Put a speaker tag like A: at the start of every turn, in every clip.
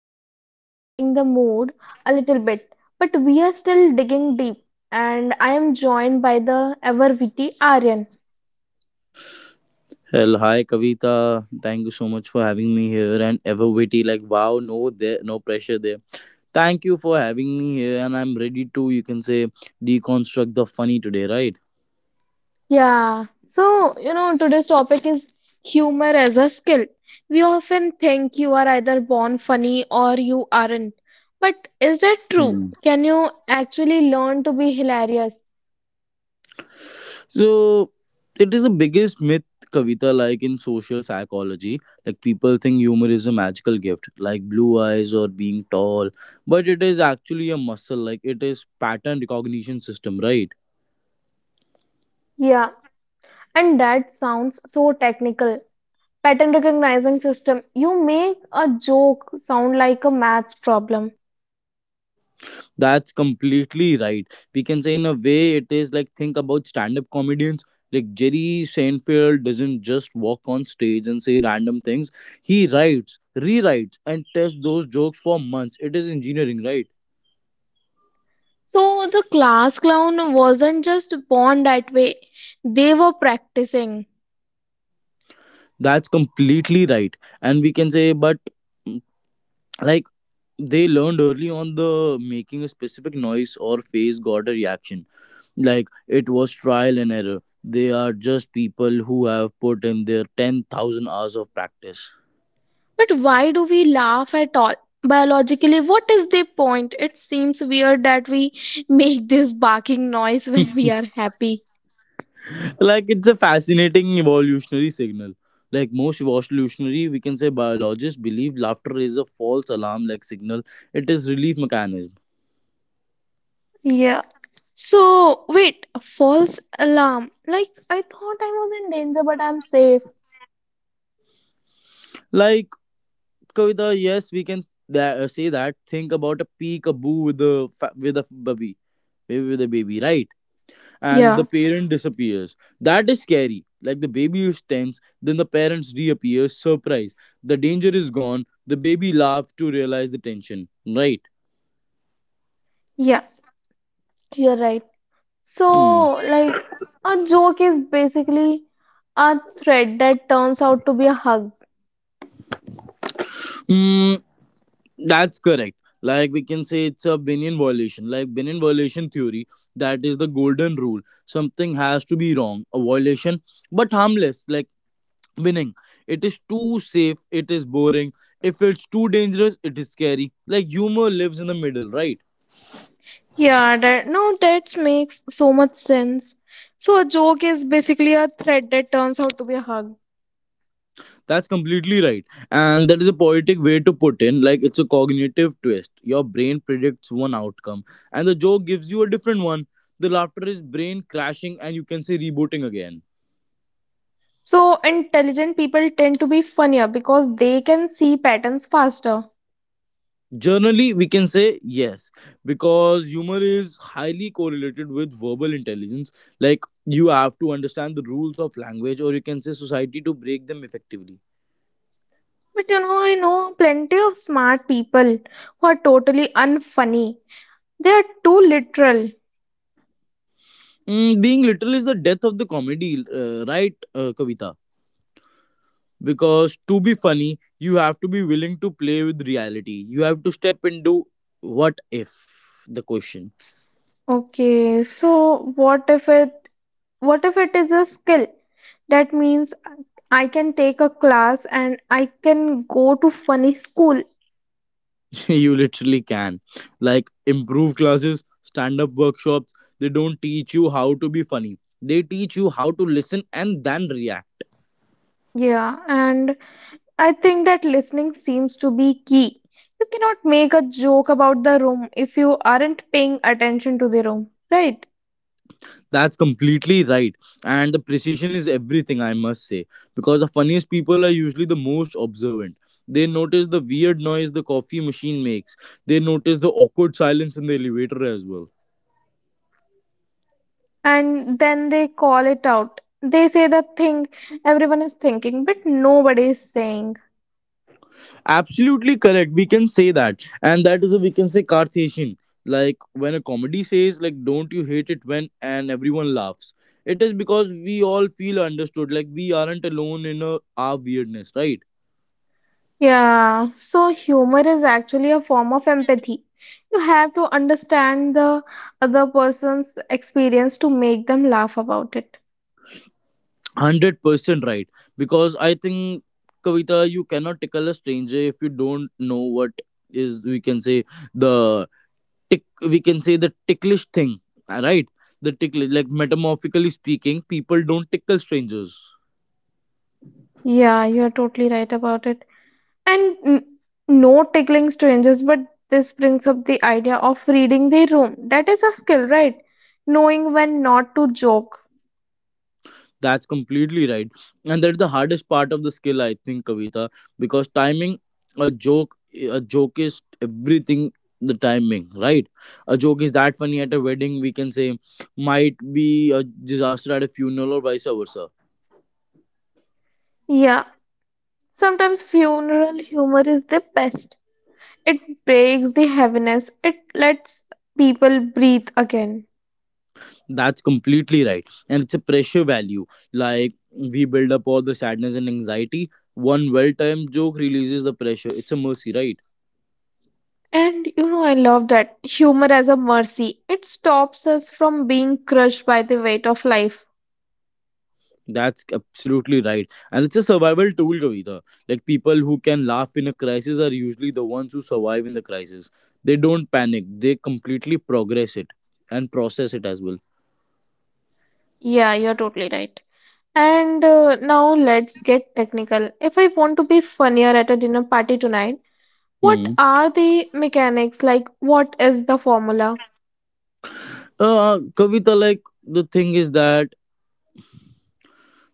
A: we are lightening the mood a little bit, but we are still digging deep. And I am joined by the ever witty Aryan.
B: Hi Kavita. Thank you so much for having me here and Everwitty. Like wow, no there no pressure there. Thank you for having me here and I'm ready to, you can say, deconstruct the funny today, right?
A: Today's topic is humor as a skill. We often think you are either born funny or you aren't. But is that true?
B: Hmm.
A: Can you actually learn to be hilarious?
B: So it is the biggest myth, Kavita, like in social psychology. Like people think humor is a magical gift, like blue eyes or being tall. But it is actually a muscle, like it is pattern recognition system, right?
A: Yeah, and that sounds so technical. Pattern recognizing system, you make a joke sound like a maths problem.
B: That's completely right. We can say, in a way, it is like, think about stand-up comedians. Like Jerry Seinfeld doesn't just walk on stage and say random things. He writes, rewrites, and tests those jokes for months. It is engineering, right?
A: So the class clown wasn't just born that way, they were practicing.
B: That's completely right. And we can say, but mm, like they learned early on the making a specific noise or face got a reaction. Like it was trial and error. They are just people who have put in their 10,000 hours of practice.
A: But why do we laugh at all? Biologically, what is the point? It seems weird that we make this barking noise when we are happy.
B: Like it's a fascinating evolutionary signal. Like most evolutionary, we can say, biologists believe laughter is a false alarm, like signal. It is relief mechanism.
A: Yeah, so wait, a false alarm? Like I thought I was in danger but I'm safe.
B: Like Kavita, yes, we can say that. Think about a peekaboo with a with a baby, with a baby, right? And the
A: Yeah,
B: parent disappears, that is scary, like the baby is tense. Then the parents reappears, surprise, the danger is gone. The baby laughs to realize the tension, right?
A: yeah, you're right. So,
B: Hmm.
A: like, a joke is basically a thread that turns out to be a hug.
B: Hmm. That's correct. Like we can say it's a Binion violation, like Binion violation theory. That is the golden rule. Something has to be wrong, a violation, but harmless, like winning. It is too safe, it is boring. If it's too dangerous, it is scary. Like humor lives in the middle, right?
A: Yeah, that now that makes so much sense. So a joke is basically a thread that turns out to be a hug.
B: That's completely right. And that is a poetic way to put in, like it's a cognitive twist. Your brain predicts one outcome, and the joke gives you a different one. The laughter is brain crashing, and you can say rebooting again.
A: So, intelligent people tend to be funnier because they can see patterns faster.
B: Generally, we can say yes, because humor is highly correlated with verbal intelligence. Like, you have to understand the rules of language, or you can say society, to break them effectively.
A: But you know, I know plenty of smart people who are totally unfunny. They are too literal.
B: Mm, being literal is the death of the comedy, right, Kavita? Because to be funny, you have to be willing to play with reality. You have to step into what if, the question.
A: S- Okay, so what if it is a skill? That means I can take a class and I can go to funny school.
B: You literally can, like improve classes, stand up workshops. They don't teach you how to be funny, they teach you how to listen and then react.
A: Yeah, and I think that listening seems to be key. You cannot make a joke about the room if you aren't paying attention to the room, right?
B: That's completely right, and the precision is everything, I must say, because the funniest people are usually the most observant. They notice the weird noise the coffee machine makes, they notice the awkward silence in the elevator as well.
A: And then they call it out. They say the thing everyone is thinking, but nobody is saying.
B: Absolutely correct. We can say that. And that is a, we can say, Cartesian. Like when a comedy says like, don't you hate it when, and everyone laughs. It is because we all feel understood. Like we aren't alone in, a, our weirdness, right?
A: Yeah, so humor is actually a form of empathy. You have to understand the other person's experience to make them laugh about it.
B: 100% right. Because I think, Kavita, you cannot tickle a stranger if you don't know what is, we can say, the tick, we can say, the ticklish thing. Right? The ticklish, like, metamorphically speaking, people don't tickle strangers.
A: Yeah, you're totally right about it. And no tickling strangers, but this brings up the idea of reading their room. That is a skill, right? Knowing when not to joke.
B: That's completely right. And that's the hardest part of the skill, I think, Kavita, because timing a joke, a joke is everything, the timing, right? A joke is that funny at a wedding, we can say, might be a disaster at a funeral or vice versa.
A: Yeah, sometimes funeral humor is the best. It breaks the heaviness, it lets people breathe again.
B: That's completely right. And it's a pressure value. Like, we build up all the sadness and anxiety. One well timed joke releases the pressure. It's a mercy, right?
A: And you know, I love that humor as a mercy. It stops us from being crushed by the weight of life.
B: That's absolutely right. And it's a survival tool, Kavita. Like people who can laugh in a crisis are usually the ones who survive in the crisis. They don't panic, they completely progress it and process it as well.
A: Yeah, you're totally right. And now let's get technical. If I want to be funnier at a dinner party tonight, what
B: Hmm.
A: are the mechanics? Like, what is the formula?
B: Kavita, like the thing is that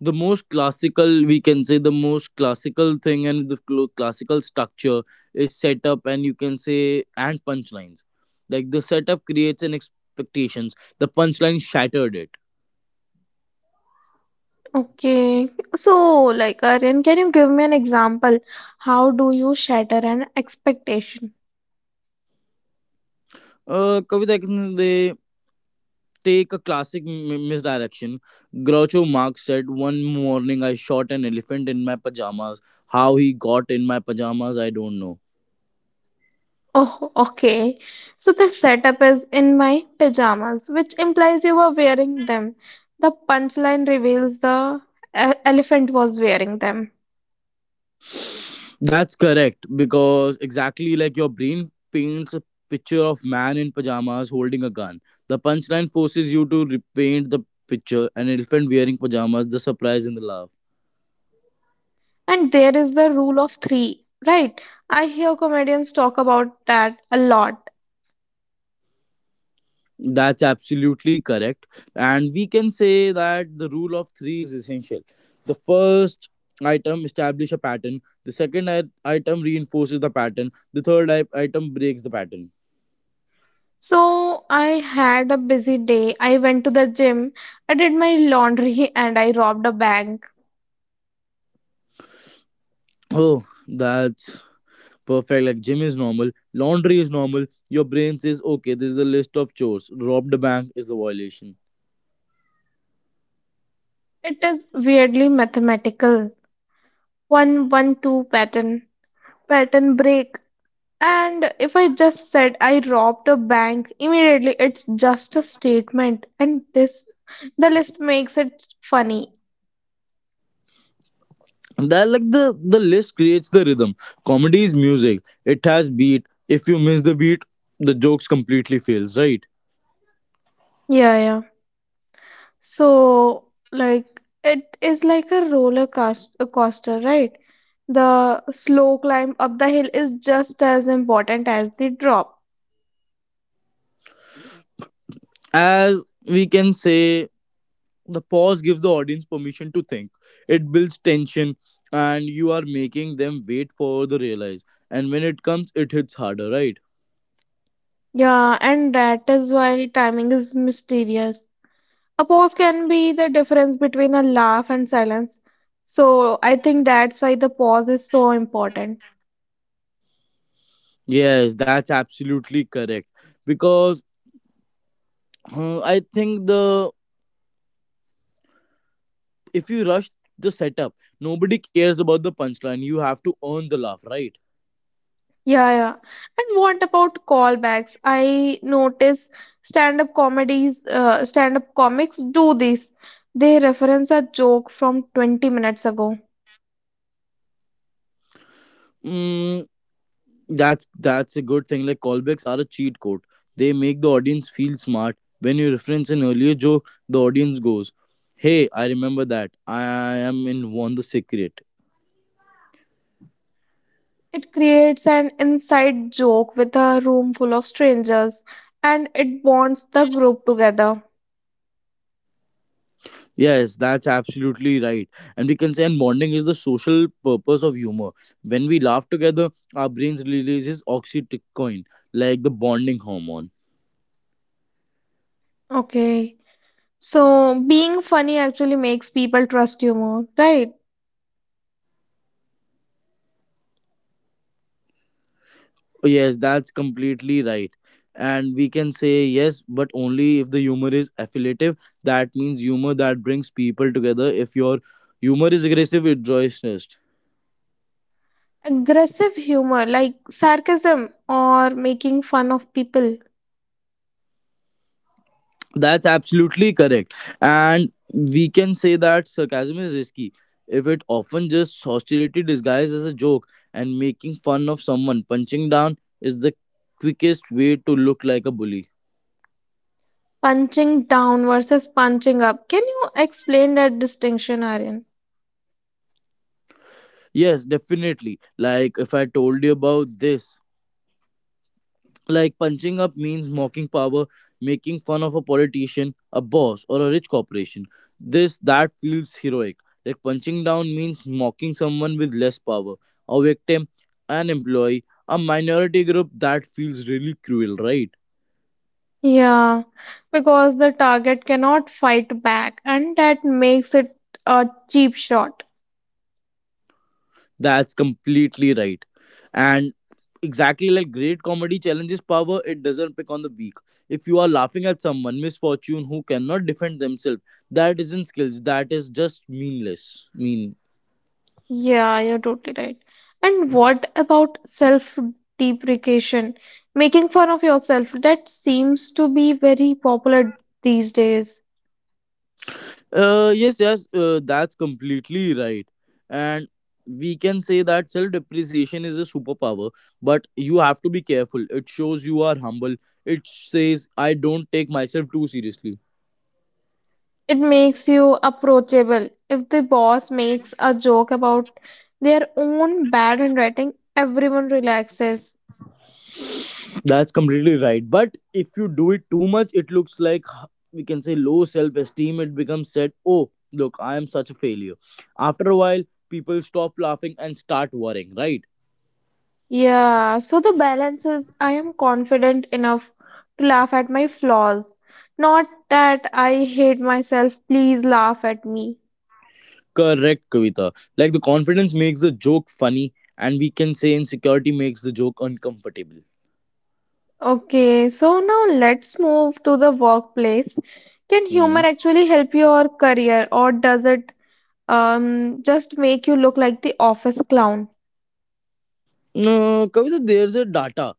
B: the most classical, we can say, the most classical thing and the classical structure is setup and, you can say, and punchlines. Like the setup creates an expectations, the punchline shattered it.
A: Okay, so like Aryan, can you give me an example? How do you shatter an expectation?
B: Kavita, take a classic misdirection. Groucho Marx said, "One morning I shot an elephant in my pajamas. How he got in my pajamas, I don't know."
A: Oh, okay. So the setup is in my pajamas, which implies you were wearing them. The punchline reveals the elephant was wearing them.
B: That's correct, because exactly like your brain paints a picture of man in pajamas holding a gun. The punchline forces you to repaint the picture, an elephant wearing pajamas, the surprise and the laugh.
A: And there is the rule of three, right? I hear comedians talk about that a lot.
B: That's absolutely correct. And we can say that the rule of three is essential. The first item establish a pattern. The second item reinforces the pattern. The third item breaks the pattern.
A: So I had a busy day. I went to the gym, I did my laundry, and I robbed a bank.
B: Oh, that's perfect. Like gym is normal, laundry is normal. Your brain says, okay, this is the list of chores. Robbed a bank is the violation.
A: It is weirdly mathematical. One, one, two pattern, pattern break. And if I just said I robbed a bank, immediately it's just a statement. And this, the list makes it funny.
B: And that, like the list creates the rhythm. Comedy is music. It has beat. If you miss the beat, the jokes completely fails. Right.
A: Yeah, yeah. So, like, it is like a a coaster, right? The slow climb up the hill is just as important as the drop.
B: As, we can say, the pause gives the audience permission to think, it builds tension, and you are making them wait for the realize, and when it comes it hits harder, right?
A: Yeah, and that is why timing is mysterious. A pause can be the difference between a laugh and silence. So, I think that's why the pause is so important.
B: Yes, that's absolutely correct, because, I think, the if you rush the setup, nobody cares about the punchline. You have to earn the laugh, right?
A: Yeah, yeah. And what about callbacks? I notice stand-up comics do this. They reference a joke from 20 minutes ago.
B: Mm, that's a good thing. Like callbacks are a cheat code. They make the audience feel smart. When you reference an earlier joke, the audience goes, "Hey, I remember that. I am in one the secret."
A: It creates an inside joke with a room full of strangers, and it bonds the group together.
B: Yes, that's absolutely right. And we can say, and bonding is the social purpose of humor. When we laugh together, our brains releases oxytocin, like the bonding hormone.
A: Okay. So being funny actually makes people trust you more, right?
B: Oh, yes, that's completely right. And we can say yes, but only if the humor is affiliative. That means humor that brings people together. If your humor is aggressive, it draws interest.
A: Aggressive humor like sarcasm or making fun of people.
B: That's absolutely correct. And we can say that sarcasm is risky, if it often just hostility disguised as a joke, and making fun of someone. Punching down is the quickest way to look like a bully.
A: Punching down versus punching up. Can you explain that distinction, Aryan?
B: Yes, definitely. Like if I told you about this, like punching up means mocking power, making fun of a politician, a boss, or a rich corporation. This that feels heroic. Like punching down means mocking someone with less power, a victim, an employee, a minority group. That feels really cruel, right?
A: Yeah, because the target cannot fight back, and that makes it a cheap shot.
B: That's completely right. And exactly, like great comedy challenges power, it doesn't pick on the weak. If you are laughing at someone misfortune who cannot defend themselves, that isn't skills. That is just meanless. Mean.
A: Yeah, you're totally right. And what about self-deprecation? Making fun of yourself, that seems to be very popular these days.
B: Yes, yes, that's completely right. And we can say that self depreciation is a superpower, but you have to be careful. It shows you are humble. It says, I don't take myself too seriously.
A: It makes you approachable. If the boss makes a joke about their own bad handwriting, everyone relaxes.
B: That's completely right. But if you do it too much, it looks like we can say low self esteem. It becomes said, oh, look, I am such a failure. After a while, people stop laughing and start worrying, right?
A: Yeah, so the balance is I am confident enough to laugh at my flaws. Not that I hate myself, please laugh at me.
B: Correct, Kavita. Like the confidence makes the joke funny, and we can say insecurity makes the joke uncomfortable.
A: Okay, so now let's move to the workplace. Can humor
B: Hmm.
A: actually help your career, or does it just make you look like the office clown?
B: No, Kavita, there's a data,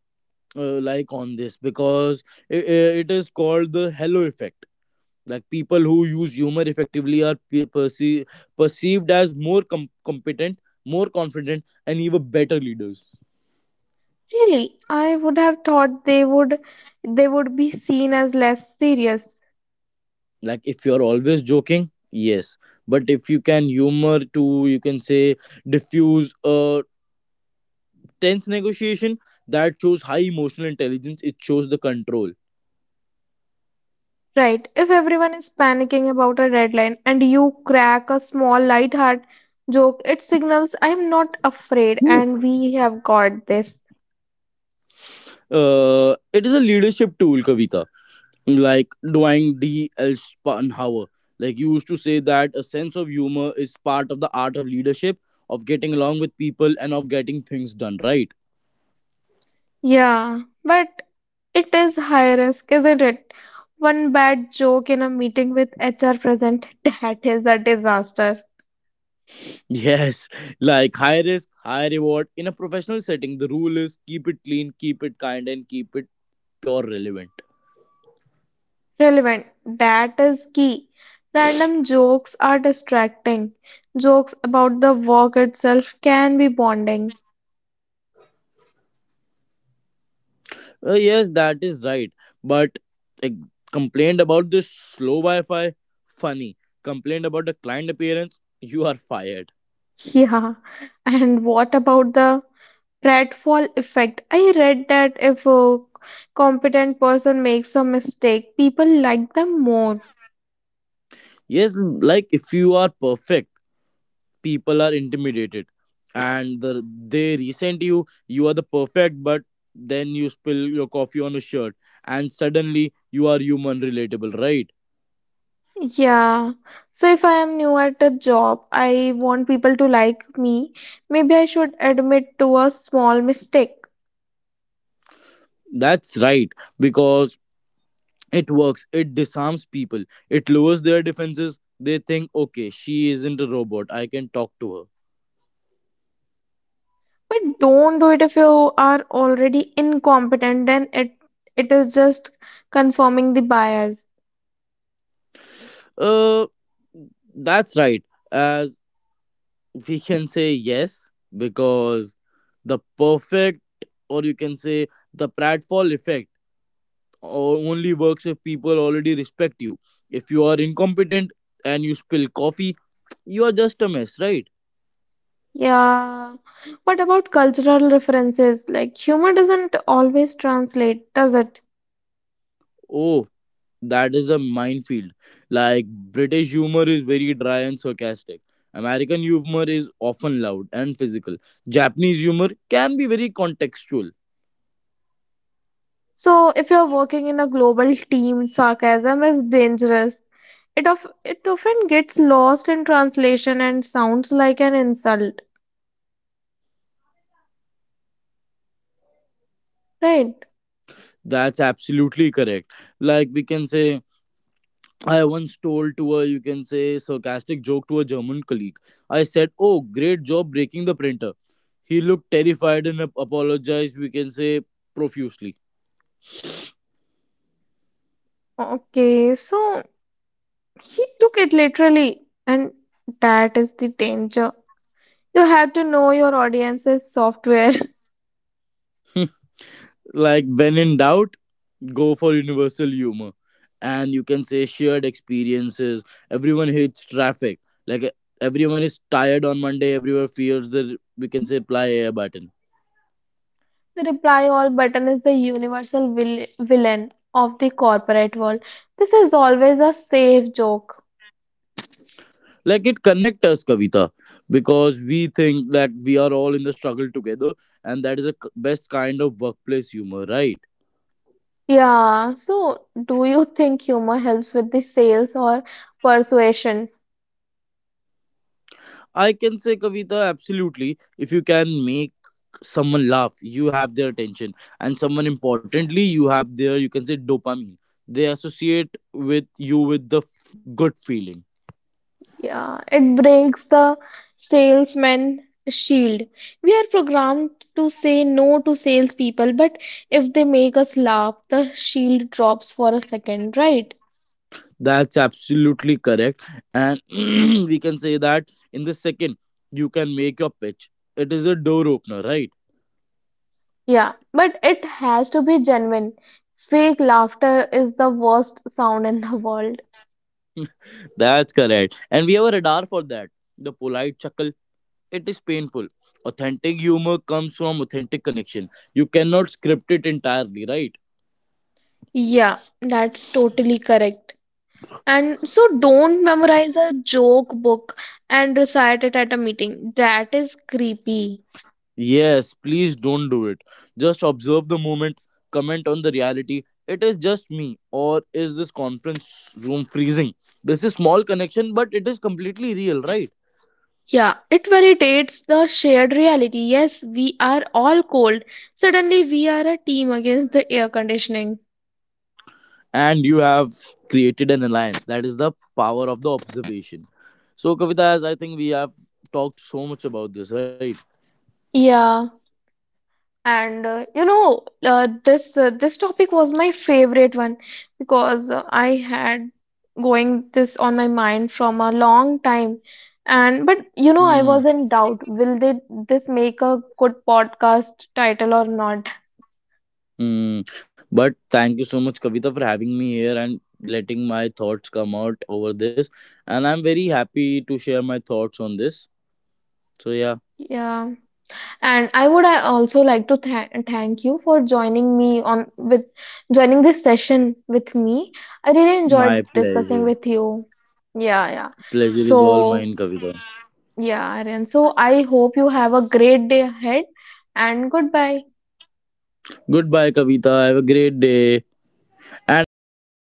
B: like on this, because it is called the halo effect. Like people who use humor effectively are perceived as more competent, more confident, and even better leaders.
A: Really, I would have thought they would be seen as less serious.
B: Like if you're always joking, yes, but if you can humor to, you can say, diffuse a tense negotiation, that shows high emotional intelligence, it shows the control.
A: Right. If everyone is panicking about a deadline and you crack a small light hearted joke, it signals I'm not afraid and we have got this.
B: Uh, it is a leadership tool, Kavita. Like Dwight D L Spanhauer, like you used to say that a sense of humor is part of the art of leadership, of getting along with people and of getting things done, right?
A: Yeah, but it is high risk, isn't it? One bad joke in a meeting with HR present, that is a disaster.
B: Yes, like high risk high reward. In a professional setting the rule is keep it clean, keep it kind, and keep it pure relevant.
A: Relevant, that is key. Random jokes are distracting. Jokes about the work itself can be bonding.
B: Yes, that is right. But complained about the slow Wi-Fi, funny. Complained about the client appearance, you are fired.
A: Yeah. And what about the Pratfall effect. I read that if a competent person makes a mistake, people like them more.
B: Yes, like if you are perfect, people are intimidated, and they resent you. You are the perfect, but then you spill your coffee on a shirt, and suddenly you are human relatable, right?
A: Yeah. So if I am new at a job, I want people to like me. Maybe I should admit to a small mistake.
B: That's right, because it works, it disarms people, it lowers their defenses. They think, okay, she isn't a robot, I can talk to her.
A: But don't do it if you are already incompetent, then it is just confirming the bias.
B: Uh that's right, as, we can say, yes, because the perfect, or you can say the pratfall effect only works if people already respect you. If you are incompetent and you spill coffee, you are just a mess, right?
A: Yeah. What about cultural references? Like humor doesn't always translate, does it?
B: Oh, that is a minefield. Like British humor is very dry and sarcastic. American humor is often loud and physical. Japanese humor can be very contextual.
A: So, if you're working in a global team, sarcasm is dangerous. It often gets lost in translation and sounds like an insult, right?
B: That's absolutely correct. Like we can say, I once told to a, you can say, sarcastic joke to a German colleague. I said, "Oh, great job breaking the printer." He looked terrified and apologized. We can say profusely.
A: Okay, so he took it literally, and that is the danger. You have to know your audience's software.
B: Like when in doubt, go for universal humor and, you can say, shared experiences. Everyone hates traffic, like everyone is tired on Monday, everyone fears the, we can say, apply air button.
A: The reply all button is the universal villain of the corporate world. This is always a safe joke.
B: Like it connects us, Kavita, because we think that we are all in the struggle together, and that is the best kind of workplace humor, right?
A: Yeah, so do you think humor helps with the sales or persuasion?
B: I can say, Kavita, absolutely. If you can make someone laugh, you have their attention. And someone importantly, you have their, you can say, dopamine. They associate with you with the good feeling.
A: Yeah, it breaks the salesman shield. We are programmed to say no to salespeople, but if they make us laugh, the shield drops for a second, right?
B: That's absolutely correct. And we can say that in the second, you can make your pitch. It is a door opener, right?
A: Yeah, but it has to be genuine. Fake laughter is the worst sound in the world.
B: That's correct. And we have a radar for that. The polite chuckle, it is painful. Authentic humor comes from authentic connection, you cannot script it entirely, right?
A: Yeah, that's totally correct. And so don't memorize a joke book and recite it at a meeting. That is creepy.
B: Yes, please don't do it. Just observe the moment, comment on the reality. It is just me, or is this conference room freezing? This is small connection, but it is completely real, right?
A: Yeah, it validates the shared reality. Yes, we are all cold. Suddenly, we are a team against the air conditioning.
B: And you have created an alliance. That is the power of the observation. So, Kavita, as I think we have talked so much about this, right?
A: Yeah. And this this topic was my favorite one because I had going this on my mind from a long time. And but you know, I was
B: Hmm.
A: in doubt, will they this make a good podcast title or not?
B: Hmm. But thank you so much, Kavita, for having me here and letting my thoughts come out over this. And I'm very happy to share my thoughts on this. So yeah,
A: Yeah. And I would I also like to thank you for joining me on with joining this session with me. I really enjoyed
B: my
A: discussing
B: pleasure.
A: with you. Yeah, yeah.
B: Pleasure is all
A: So
B: mine, Kavita.
A: yeah, Aryan. So I hope you have a great day ahead and goodbye.
B: Goodbye, Kavita. Have a great day. And I must tell